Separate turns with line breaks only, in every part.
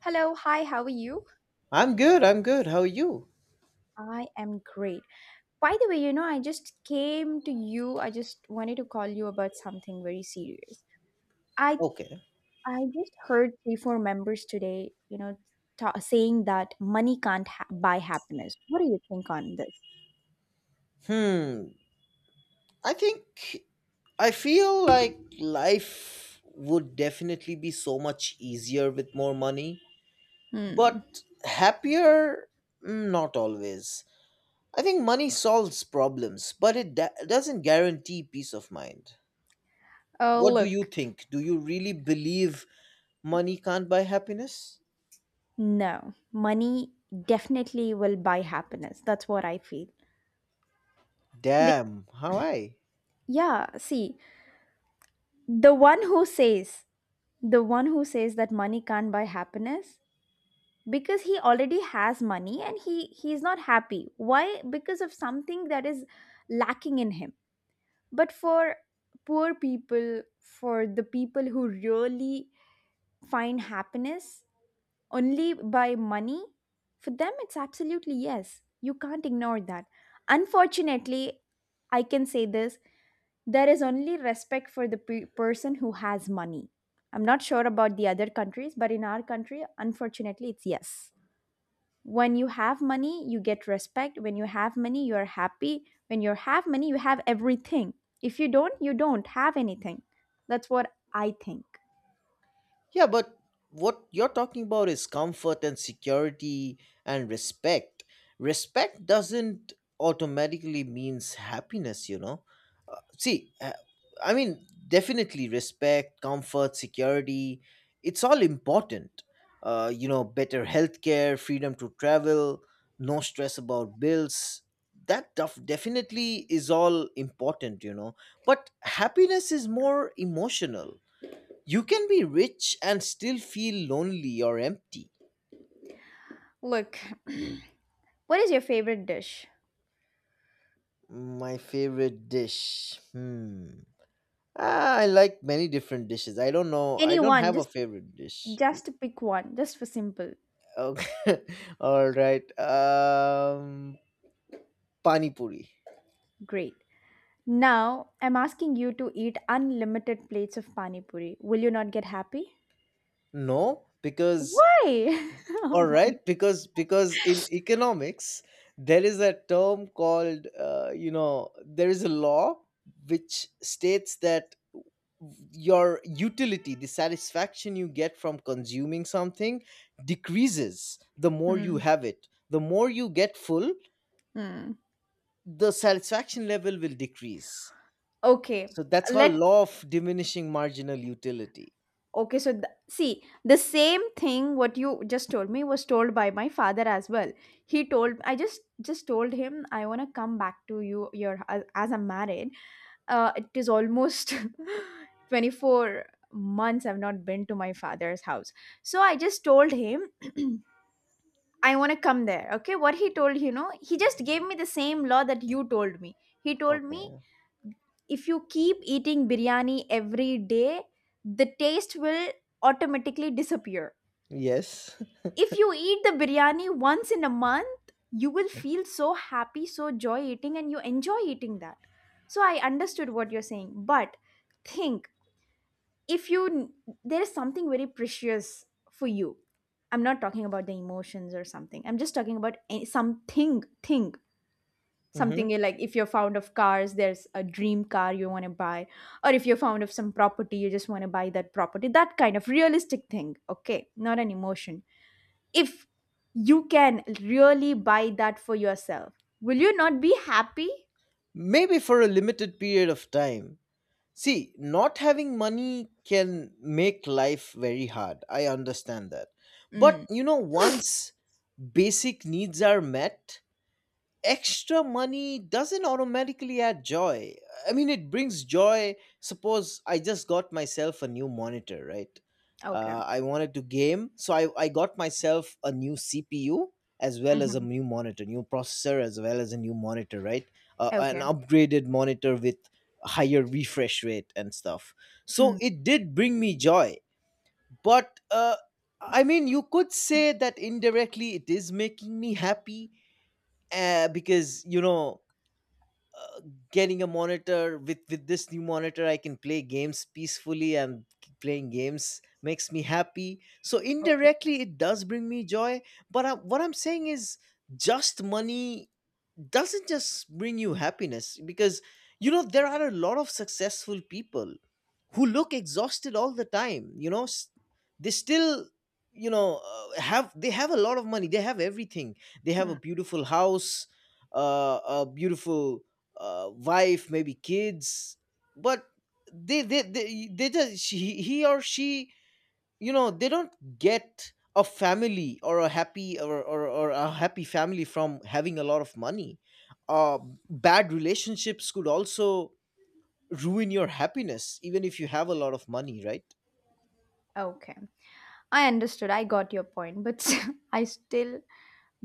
Hello, hi, how are you?
I'm good. I'm good. How are you?
I am great. By the way, I just came to you. I just wanted to call you about something very serious. I
Okay.
I just heard 3 4 members today, ta saying that money can't ha buy happiness. What do you think on this?
Hmm. I think I feel like life would definitely be so much easier with more money,
Hmm.
but happier, not always. I think money solves problems, but it doesn't guarantee peace of mind.
Oh,
What do you
look.
think? Do you really believe money can't buy happiness?
No, money definitely will buy happiness. That's what I feel. Be-
Damn, how I?
yeah, see, the one who says, the one who says that money can't buy happiness because he already has money and he's not happy. Why? Because of something that is lacking in him, but for poor people, for the people who really find happiness only by money, for them it's absolutely yes. You can't ignore that. Unfortunately, I can say this. There is only respect for the person who has money. I'm not sure about the other countries, but in our country unfortunately it's yes. When you have money you get respect, when you have money you are happy, when you have money you have everything. If you don't, you don't have anything. That's what I think.
Yeah, but what you're talking about is comfort and security and respect. Respect doesn't automatically means happiness. See, I mean, definitely respect, comfort, security, it's all important. Better healthcare, freedom to travel, no stress about bills. That definitely is all important. But happiness is more emotional. You can be rich and still feel lonely or empty.
Look, what is your favorite dish?
My favorite dish. Hmm. Ah, I like many different dishes. I don't know. I
Any
don't
one,
have a favorite dish.
just pick one, just for simple.
Okay. All right. Pani puri.
Great. Now I'm asking you to eat unlimited plates of pani puri, will you not get happy?
No, because
Why? Oh
all
my.
right because in economics there is a term called there is a law which states that your utility, the satisfaction you get from consuming something, decreases. The more you
Hmm,
have it, the more you get full,
hmm.
the satisfaction level will decrease.
okay
So that's called
let
law of diminishing marginal utility.
Okay, so see, the same thing what you just told me was told by my father as well. He told, I just told him I want to come back to you your as I'm married. It is almost 24 months I've not been to my father's house. So I just told him I want to come there. Okay, what he told, you know, he just gave me the same law that you told me. He told me,
Okay.
if you keep eating biryani every day, the taste will automatically disappear.
Yes.
If you eat the biryani once in a month, you will feel so happy, so joy eating, and you enjoy eating that. So I understood what you're saying, but think, if you there is something very precious for you. I'm not talking about the emotions or something. I'm just talking about something, thing,
Hmm.
something like, if you're fond of cars there's a dream car you want to buy, or if you're fond of some property you just want to buy that property, that kind of realistic thing, okay? Not an emotion. If you can really buy that for yourself, will you not be happy?
Maybe for a limited period of time. See, not having money can make life very hard. I understand that. But
Mm,
you know, once basic needs are met, extra money doesn't automatically add joy. I mean, it brings joy. Suppose I just got myself a new monitor, right?
okay.
I wanted to game, so I got myself a new CPU as well as a
Mhm.
new monitor, new processor as well as a new monitor, right? An
Okay.
upgraded monitor with higher refresh rate and stuff. So
Mm,
it did bring me joy, but I mean, you could say that indirectly it is making me happy because you know getting a monitor with this new monitor I can play games peacefully, and playing games makes me happy, so
okay.
indirectly it does bring me joy. But what I'm saying is just money doesn't just bring you happiness, because you know there are a lot of successful people who look exhausted all the time, you know. They still, you know, have a lot of money, they have everything. They have a
Mm.
beautiful house, a beautiful wife, maybe kids, but they just she, he or she you know they don't get a family or a happy or a happy family from having a lot of money. uh, bad relationships could also ruin your happiness even if you have a lot of money, right?
Okay. I understood. I got your point, but I still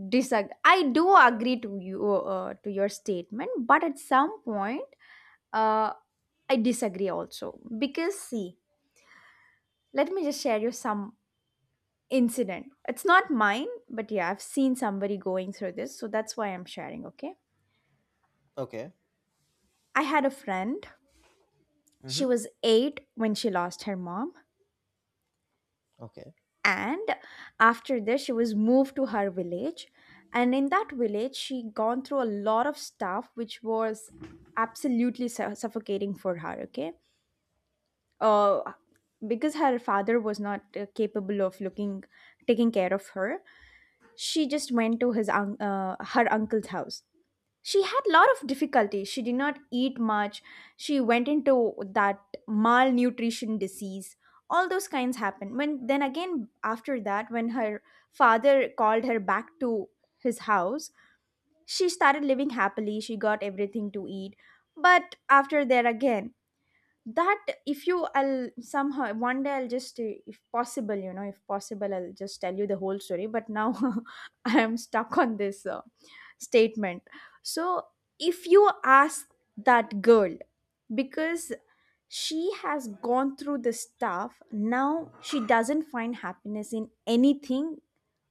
disagree. I do agree to you, to your statement, but at some point, uh, I disagree also because, see, let me just share you some incident. It's not mine, but yeah, I've seen somebody going through this, so that's why I'm sharing. Okay,
Okay.
I had a friend. She
Hmm.
was eight when she lost her mom.
Okay,
And after this she was moved to her village, and in that village she gone through a lot of stuff which was absolutely suffocating for her, okay. uh, because her father was not capable of looking, taking care of her, she just went to his her uncle's house. She had a lot of difficulty, she did not eat much. She went into that malnutrition disease, all those kinds happened. When then again after that, when her father called her back to his house, she started living happily, she got everything to eat. But after there again, that if you, I'll somehow one day I'll just, if possible, if possible I'll just tell you the whole story. But now I am stuck on this statement. So if you ask that girl, because she has gone through the stuff, now she doesn't find happiness in anything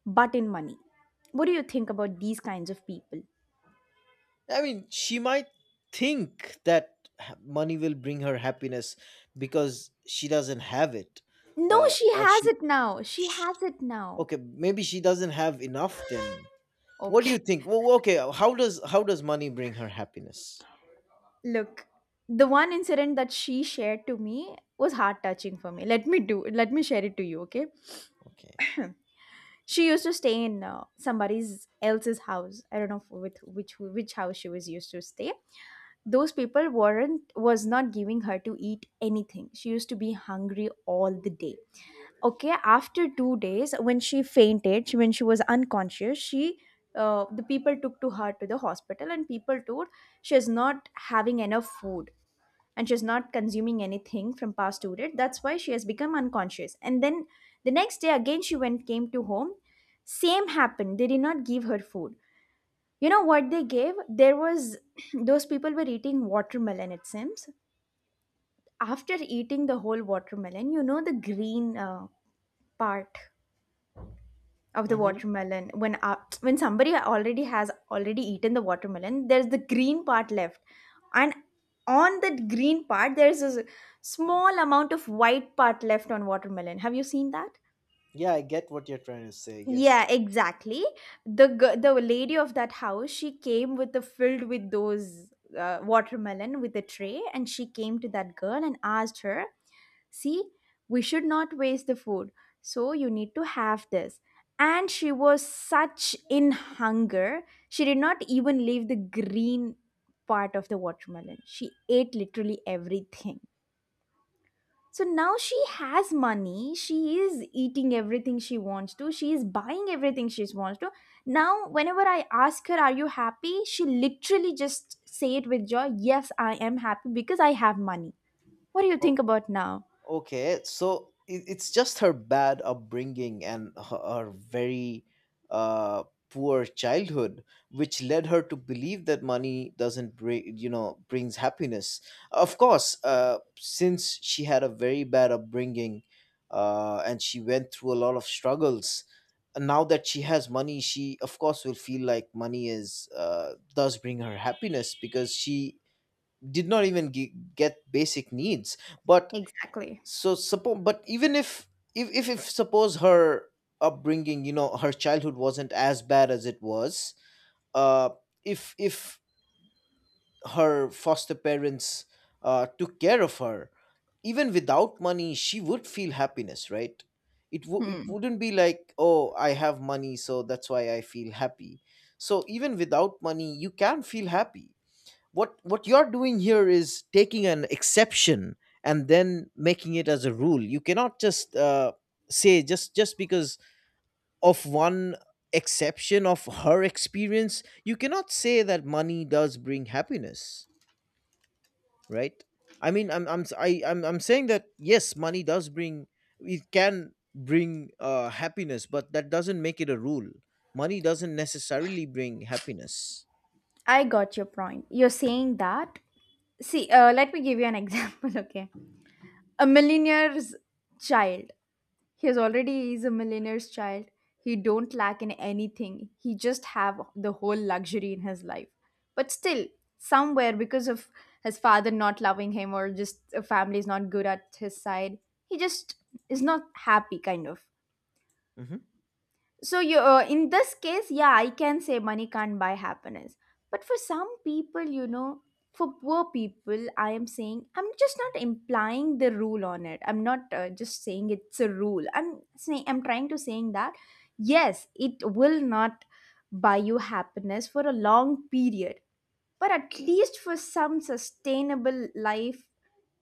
but in money. What do you think about these kinds of people?
I mean she might think that money will bring her happiness because she doesn't have it.
No,
uh,
she
or
has
she,
it now, she
sh
has it now.
okay maybe she doesn't have enough then. What do
Okay.
you think? Well, okay, how does money bring her happiness?
Look, the one incident that she shared to me was heart touching for me. Let me do let me share it to you, okay?
Okay.
She used to stay in somebody's else's house. I don't know with which house she was used to stay. Those people weren't was not giving her to eat anything. She used to be hungry all the day. Okay, after 2 days, when she fainted, she, when she was unconscious, she the people took to her to the hospital, and people told, she is not having enough food and she's not consuming anything from past to it. That's why she has become unconscious. And then the next day again she went came to home, same happened, they did not give her food. You know what they gave? There was those people were eating watermelon, it seems. After eating the whole watermelon, you know, the green part of the
Mm-hmm.
watermelon, when somebody already has already eaten the watermelon, there's the green part left. And on that green part there's a small amount of white part left on watermelon, have you seen that?
Yeah, I get what you're trying to say. Yes.
Yeah, exactly. The the lady of that house, she came with the filled with those watermelon with a tray, and she came to that girl and asked her, "See, we should not waste the food, so you need to have this." And she was such in hunger, she did not even leave the green part of the watermelon. She ate literally everything. So now she has money. She is eating everything she wants to. She is buying everything she wants to. Now, whenever I ask her, are you happy? She literally just say it with joy. Yes, I am happy because I have money. What do you think about now?
Okay, so it's just her bad upbringing and her very uh, poor childhood, which led her to believe that money doesn't bring, you know, brings happiness. Of course, since she had a very bad upbringing, and she went through a lot of struggles. And Now that she has money, she of course will feel like money is does bring her happiness because she did not even get basic needs. But
Exactly.
so suppose, but even if, if suppose her upbringing, you know, her childhood wasn't as bad as it was, uh if her foster parents took care of her, even without money she would feel happiness, right? It
Hmm.
wouldn't be like, oh, I have money so that's why I feel happy. So even without money you can feel happy. What you're doing here is taking an exception and then making it as a rule. You cannot just say, just because of one exception of her experience you cannot say that money does bring happiness, right? I mean I'm s- I, am I I'm saying that yes, money does bring, it can bring happiness, but that doesn't make it a rule. Money doesn't necessarily bring happiness.
I got your point. You're saying that. See, let me give you an example, okay? A millionaire's child. He has already is a millionaire's child, he don't lack in anything, he just have the whole luxury in his life. But still, somewhere, because of his father not loving him, or just a family is not good at his side, he just is not happy kind of. So you, in this case yeah I can say money can't buy happiness. But for some people, you know, for poor people, I am saying, I'm just not implying the rule on it, I'm not just saying it's a rule, I'm saying, I'm trying to saying that yes it will not buy you happiness for a long period, but at least for some sustainable life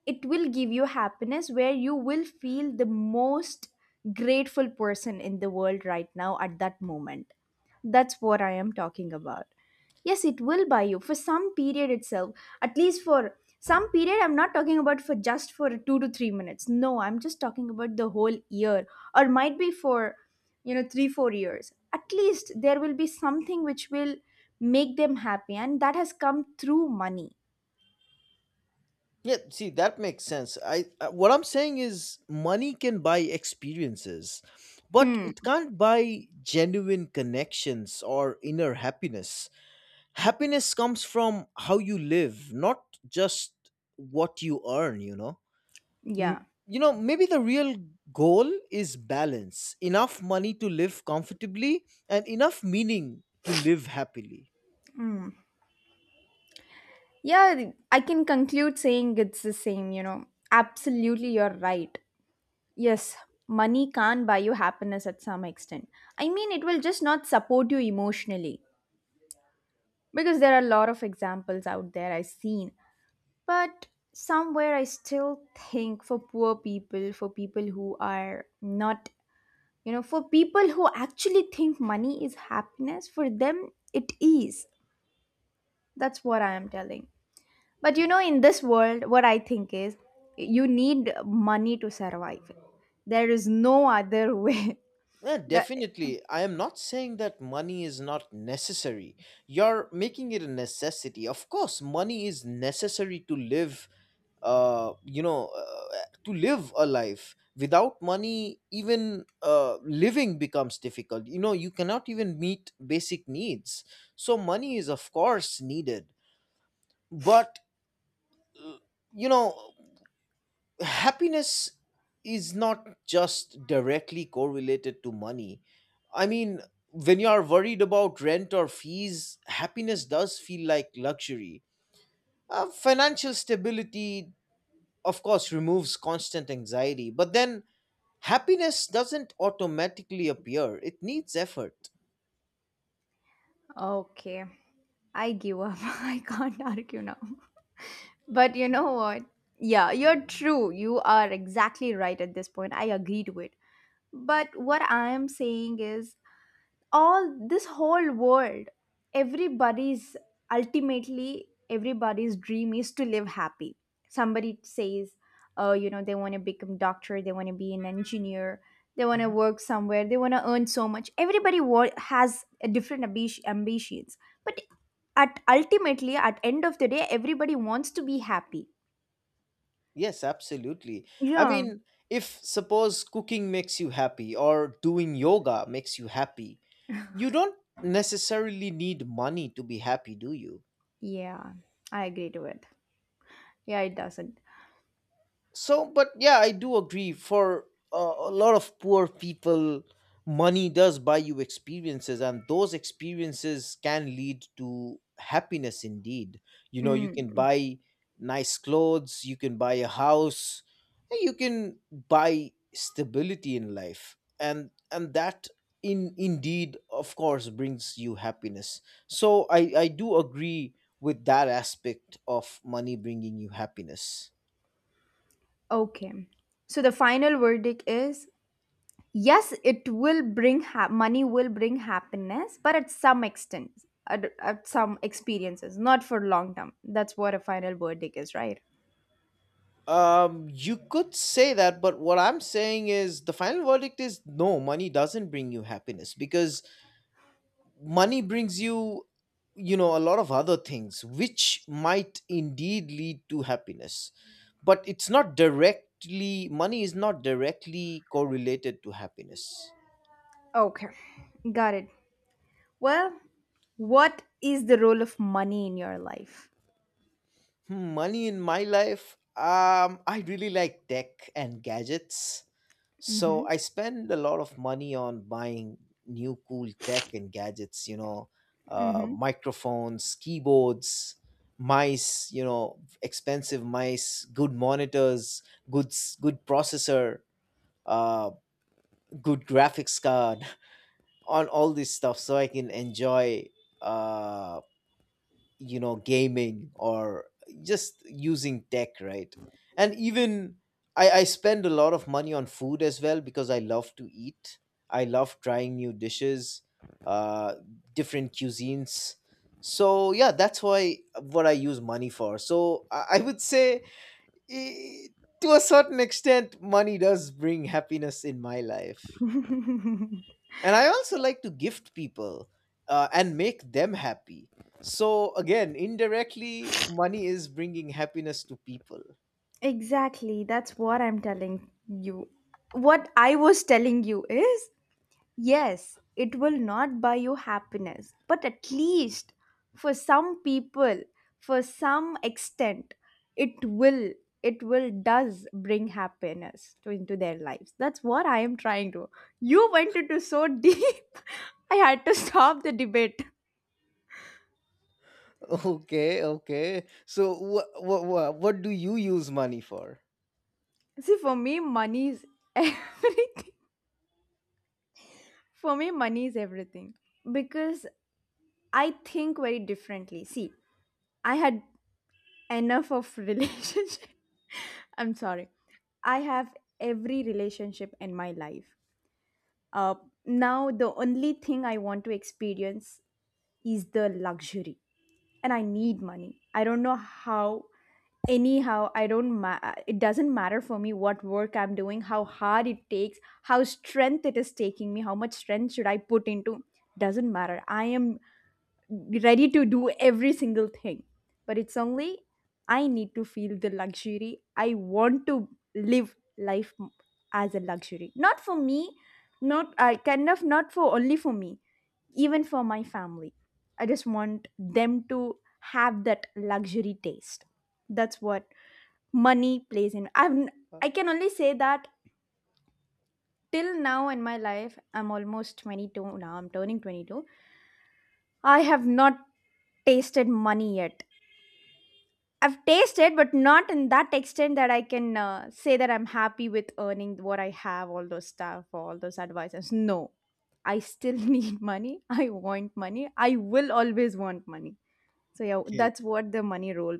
it will give you happiness where you will feel the most grateful person in the world right now at that moment. That's what I am talking about. Yes, it will buy you for some period itself, at least for some period. I'm not talking about for just for 2 to 3 minutes, no, I'm just talking about the whole year, or might be for, you know, 3 4 years. At least there will be something which will make them happy, and that has come through money.
Yeah, see, that makes sense. I what I'm saying is money can buy experiences, but
Hmm.
it can't buy genuine connections or inner happiness. Happiness comes from how you live, not just what you earn, you know.
Yeah.
You know, maybe the real goal is balance, enough money to live comfortably and enough meaning to live happily.
Yeah, I can conclude saying it's the same, you know. Absolutely, you're right. Yes, money can't buy you happiness at some extent. I mean, it will just not support you emotionally because there are a lot of examples out there I've seen. But somewhere I still think for poor people, for people who are not, you know, for people who actually think money is happiness, for them it is. That's what I am telling. But you know, in this world, what I think is you need money to survive. There is no other way.
Yeah,
The,
definitely. I am not saying that money is not necessary. You're making it a necessity. Of course, money is necessary to live, to live a life. Without money, even living becomes difficult. You know, you cannot even meet basic needs. So money is, of course, needed. But, you know, happiness is not just directly correlated to money. I mean, when you are worried about rent or fees, happiness does feel like luxury. Financial stability, of course, removes constant anxiety, but then happiness doesn't automatically appear, it needs effort.
okay, I give up. I can't argue now. But you know what? Yeah, you're true. You are exactly right at this point. I agree to it. But what I am saying is, all this whole world, everybody's, ultimately everybody's dream is to live happy. Somebody says, oh, you know, they want to become doctor, they want to be an engineer, they want to work somewhere, they want to earn so much. Everybody has a different ambitions. But at ultimately at end of the day everybody wants to be happy.
Yes, absolutely. I
Yeah.
mean, if suppose cooking makes you happy or doing yoga makes you happy, you don't necessarily need money to be happy, do you?
Yeah, I agree to it. Yeah, it doesn't.
So but yeah, I do agree for a lot of poor people money does buy you experiences and those experiences can lead to happiness indeed. You know, you
Mm.
can
Mm,
buy nice clothes, you can buy a house, you can buy stability in life, and that in indeed, of course, brings you happiness. So I do agree with that aspect of money bringing you happiness.
okay. So the final verdict is, yes, it will money will bring happiness, but at some extent, at some experiences, not for long term. That's what a final verdict is, right?
You could say that, but what I'm saying is the final verdict is no, money doesn't bring you happiness because money brings you, you know, a lot of other things which might indeed lead to happiness. But it's not directly, money is not directly correlated to happiness.
Okay, got it. Well, what is the role of money in your life?
Hmm, money in my life. I really like tech and gadgets,
Mm-hmm.
so I spend a lot of money on buying new cool tech and gadgets, you know,
Mm-hmm.
microphones, keyboards, mice, you know, expensive mice, good monitors, good processor, uh, good graphics card, on all this stuff, so I can enjoy, uh, you know, gaming or just using tech, right? And even I spend a lot of money on food as well, because I love to eat, I love trying new dishes, uh different cuisines. So yeah, that's why what I use money for. So I would say, eh, to a certain extent money does bring happiness in my life. And I also like to gift people, and make them happy. So again, indirectly money is bringing happiness to people.
Exactly, that's what I'm telling you. What I was telling you is, yes, it will not buy you happiness, but at least for some people, for some extent, it will, does bring happiness to into their lives. That's what I am trying to. You went into so deep. I had to stop the debate.
Okay, so what do you use money for?
See, for me, money is everything. For me, money is everything because I think very differently. See, I had enough of relationship. I'm sorry, I have every relationship in my life. uh, Now the only thing I want to experience is the luxury, and I need money. I don't know how, anyhow, I don't ma- it doesn't matter for me what work I'm doing, how hard it takes, how strength it is taking me, how much strength should I put into. Doesn't matter, I am ready to do every single thing, but it's only I need to feel the luxury. I want to live life as a luxury. Not for me, not I kind of not for only for me, even for my family. I just want them to have that luxury taste. That's what money plays in. I can only say that till now in my life, I'm almost 22. Now I'm turning 22. I have not tasted money yet. I've tasted, but not in that extent that I can say that I'm happy with earning what I have, all those stuff, all those advices. No, I still need money. I want money. I will always want money. So, yeah,
Okay,
that's what the money role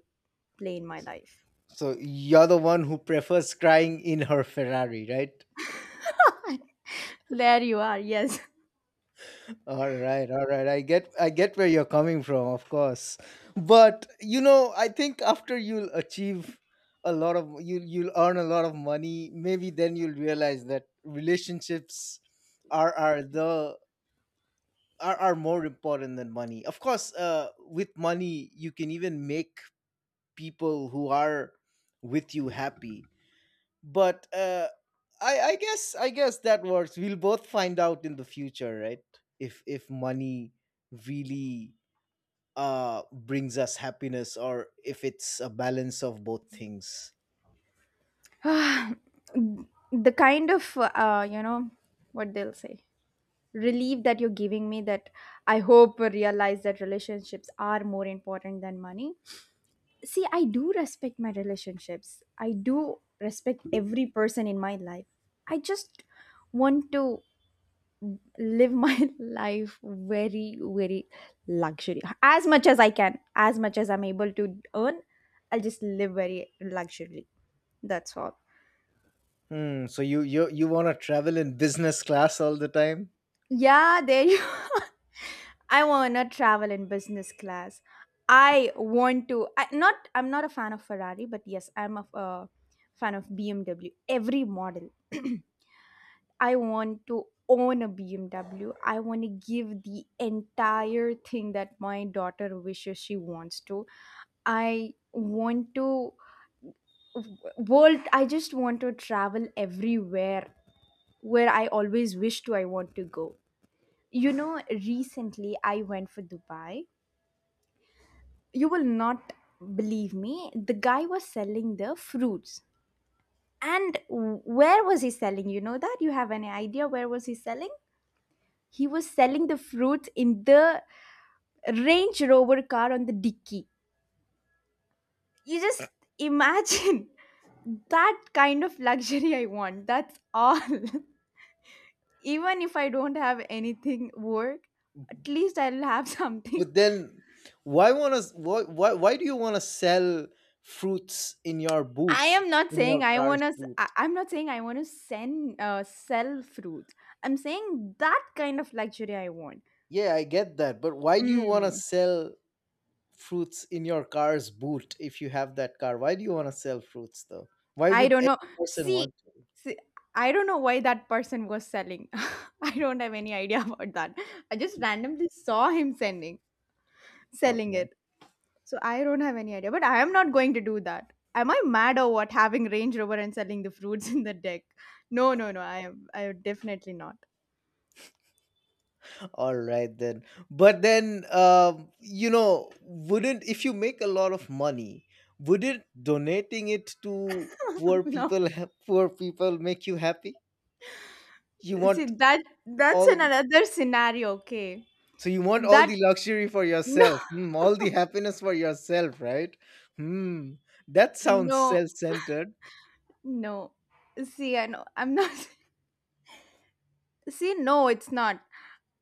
play in my life.
so you're the one who prefers crying in her Ferrari, right?
There you are. Yes.
All right, all right. I get where you're coming from, of course. But you know, I think after you'll achieve a lot of you'll earn a lot of money, maybe then you'll realize that relationships are are the are more important than money. Of course, with money you can even make people who are with you happy, but I guess that works. We'll both find out in the future, right? If money really brings us happiness, or if it's a balance of both things.
The kind of, you know, what they'll say, relief that you're giving me, that I hope realize that relationships are more important than money. See, I do respect my relationships. I do respect every person in my life. I just want to live my life very luxury, as much as I can, as much as I'm able to earn. I'll just live very luxury. That's all.
Hmm. So you want to travel in business class all the time,
Yeah, there you. I want to travel in business class. I want to I, not I'm not a fan of Ferrari, but yes, I'm a fan of BMW, every model. I want to own a BMW. I want to give the entire thing that my daughter wishes she wants to. I want to world, I just want to travel everywhere where I always wish to. I want to go. You know, recently I went for Dubai. You will not believe me. The guy was selling the fruits. And where was he selling? You know that? You have any idea where was he selling? He was selling the fruits in the Range Rover car on the dicky. You just imagine that kind of luxury I want. That's all. Even if I don't have anything work, at least I'll have something.
but then why do you want to sell fruits in your
I
boot,
am not
in your
saying I
car's
want to.
boot?
I'm not saying I want to send sell fruits. I'm saying that kind of luxury I want.
Yeah, I get that, but why do you want to
Mm.
sell fruits in your car's boot if you have that car? Why do you want to sell fruits though? Why
I
would
don't
any
know.
person
See,
want to?
see, I don't know why that person was selling. I don't have any idea about that. I just randomly saw him sending, selling
Okay.
it. So I don't have any idea. But I am not going to do that. Am I mad or what? Having Range Rover and selling the fruits in the deck? No, no, no. I am. I am definitely not.
All right then. But then you know, wouldn't, if you make a lot of money, wouldn't donating it to poor
No.
people poor people make you happy? You
See
want
that. That's
all
an
the
another scenario. Okay.
So you want all
That
the luxury for
no,
yourself, hmm, all the happiness for yourself, right? Hmm. That sounds
no,
self-centered.
no. See, I know. I'm not. See, no, it's not.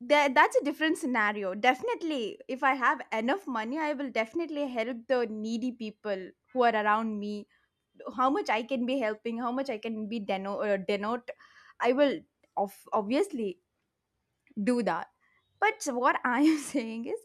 That's a different scenario. Definitely, if I have enough money, I will definitely help the needy people who are around me. How much I can be helping, how much I can be denote, I will obviously do that. But what I am saying is,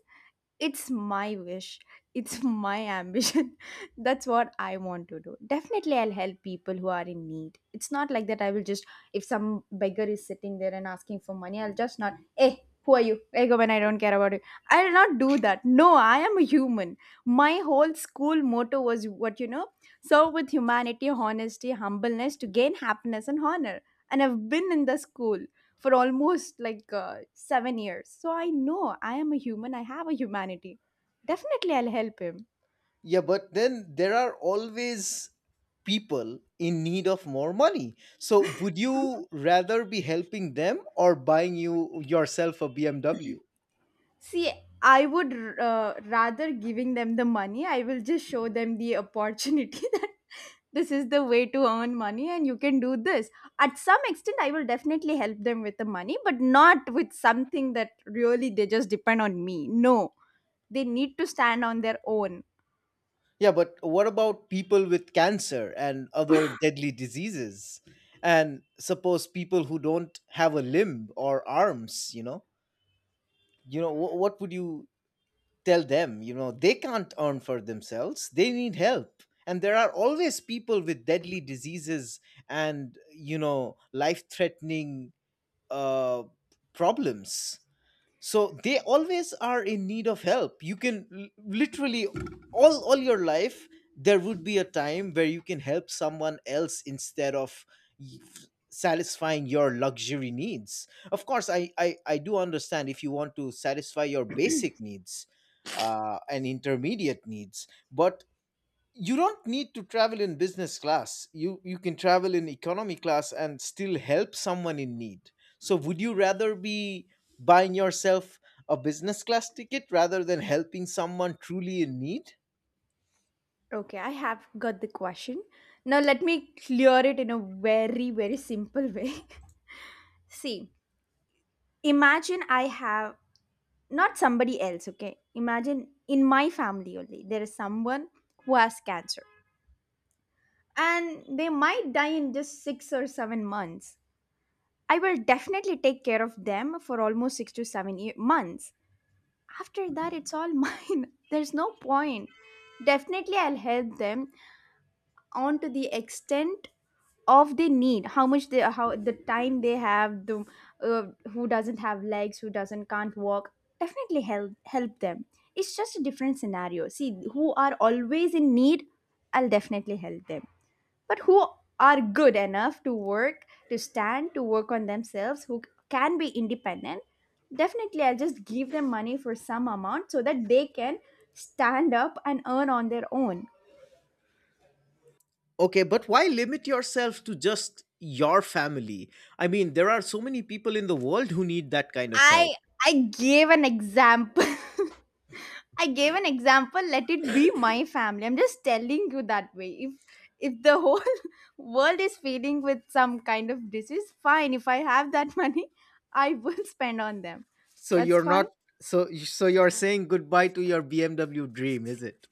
it's my wish, it's my ambition. That's what I want to do. Definitely, I'll help people who are in need. It's not like that I will just, if some beggar is sitting there and asking for money, I'll just not, hey, who are you, hey, go, when I don't care about you, I'll not do that. No, I am a human. My whole school motto was, what, you know, serve with humanity, honesty, humbleness to gain happiness and honor. And I've been in the school for almost like 7 years. So I know I am a human, I have a humanity. Definitely, I'll help him.
Yeah, but then there are always people in need of more money. So would you rather be helping them or buying you yourself a BMW?
See, I would rather giving them the money, I will just show them the opportunity that this is the way to earn money and you can do this. At some extent, I will definitely help them with the money, but not with something that really they just depend on me. No, they need to stand on their own.
Yeah, but what about people with cancer and other deadly diseases? And suppose people who don't have a limb or arms, you know? You know, what would you tell them, you know, they can't earn for themselves. They need help. And there are always people with deadly diseases and, you know, life threatening uh, problems, so they always are in need of help. You can literally, all your life there would be a time where you can help someone else instead of y- satisfying your luxury needs. Of course I do understand if you want to satisfy your basic needs and intermediate needs, but you don't need to travel in business class, you can travel in economy class and still help someone in need. So would you rather be buying yourself a business class ticket rather than helping someone truly in need?
Okay, I have got the question. Now let me clear it in a very simple way. See, imagine I have not somebody else, okay? Imagine in my family only, there is someone who has cancer and they might die in just 6 or 7 months. I will definitely take care of them for almost 6 to 7 months. After that, it's all mine. There's no point. Definitely, I'll help them on to the extent of they need, how much they, how the time they have the uh, who doesn't have legs, who doesn't, can't walk, definitely help them. It's just a different scenario. See, who are always in need, I'll definitely help them. But who are good enough to work, to stand, to work on themselves, who can be independent, definitely I'll just give them money for some amount so that they can stand up and earn on their own.
Okay, but why limit yourself to just your family? I mean, there are so many people in the world who need that kind of help.
I i gave an example. I gave an example. Let it be my family. I'm just telling you that way. If the whole world is feeling with some kind of disease, fine. If I have that money, I will spend on them.
So
That's
you're
fine.
not So so you're saying goodbye to your BMW dream, is it?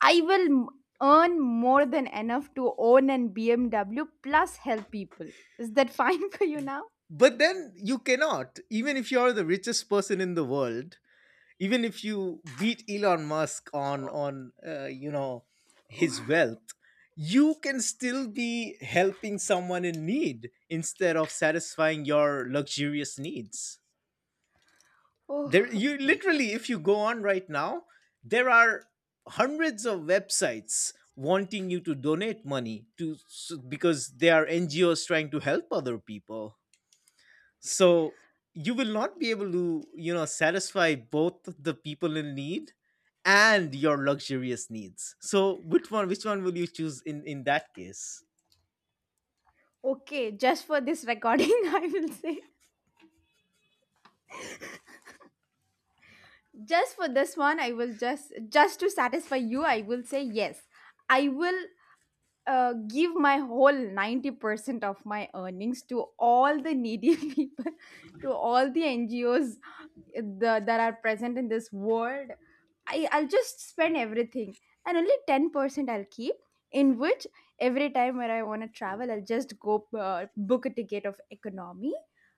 I will m- earn more than enough to own an BMW plus help people. Is that fine for you now?
But then you cannot, even if you're the richest person in the world, even if you beat Elon Musk on you know, his
Oh,
wealth, you can still be helping someone in need instead of satisfying your luxurious needs. There,
oh,
you literally, if you go on right now, there are hundreds of websites wanting you to donate money to because they are NGOs trying to help other people. So you will not be able to, you know, satisfy both the people in need and your luxurious needs. So which one, which one will you choose in that case?
okay. Just for this recording, I will say. Just for this one, I will just to satisfy you, I will say yes. I will give my whole 90% of my earnings to all the needy people, to all the NGOs that are present in this world. I'll just spend everything and only 10% I'll keep. In which every time where I want to travel, I'll just go book a ticket of economy.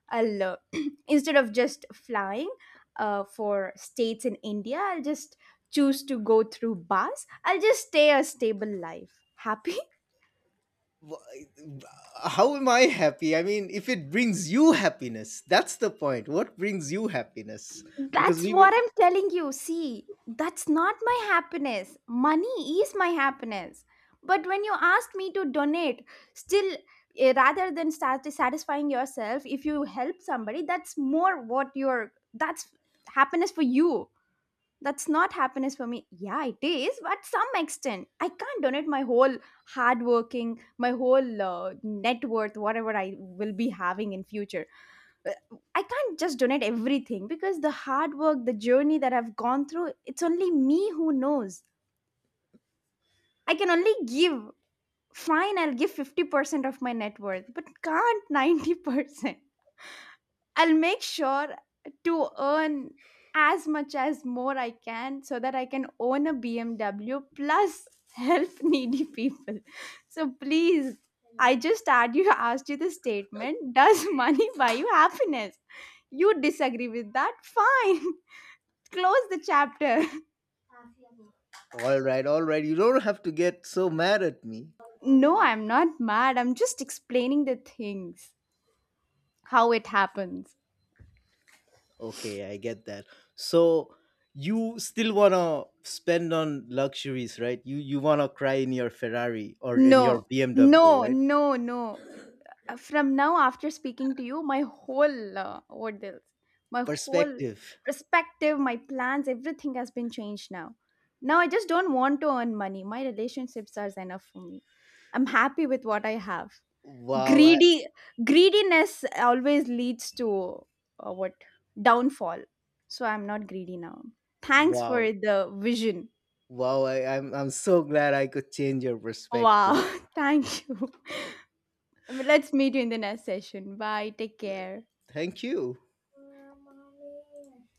I'll instead of just flying for states in India, I'll just choose to go through bus. I'll just stay a stable life. Happy?
Wh- How am I happy? I mean, if it brings you happiness, that's the point. What brings you happiness? Because
That's
we were
what I'm telling you. See, that's not my happiness. Money is my happiness. But when you asked me to donate, still, eh, rather than start satisfying yourself, if you help somebody, that's more what you're, that's happiness for you. That's not happiness for me. Yeah, it is, but some extent. I can't donate my whole hard working, my whole net worth, whatever I will be having in future. uh, I can't just donate everything because the hard work, the journey that I've gone through, it's only me who knows. I can only give. Fine, I'll give 50% of my net worth, but can't 90%. I'll make sure to earn as much as more I can so that I can own a BMW plus help needy people. So please, I just add you asked you the statement, does money buy you happiness? You disagree with that? Fine. Close the chapter.
all right, all right. You don't have to get so mad at me.
No, I'm not mad. I'm just explaining the things, how it happens.
Okay, I get that. So you still wanna spend on luxuries, right? You wanna cry in your Ferrari or in your
No,
BMW,
no,
right?
no, no. From now, after speaking to you, my whole what else, my whole
Perspective.
perspective, my plans, everything has been changed now. Now I just don't want to earn money. My relationships are enough for me. I'm happy with what I have.
Wow, I,
Greedy, greediness always leads to, what, downfall. So I'm not greedy now. Thanks for
wow,
the vision.
wow! I'm so glad I could change your
Wow.
perspective.
Thank you. Let's meet you in the next session. Bye, take care.
Thank you.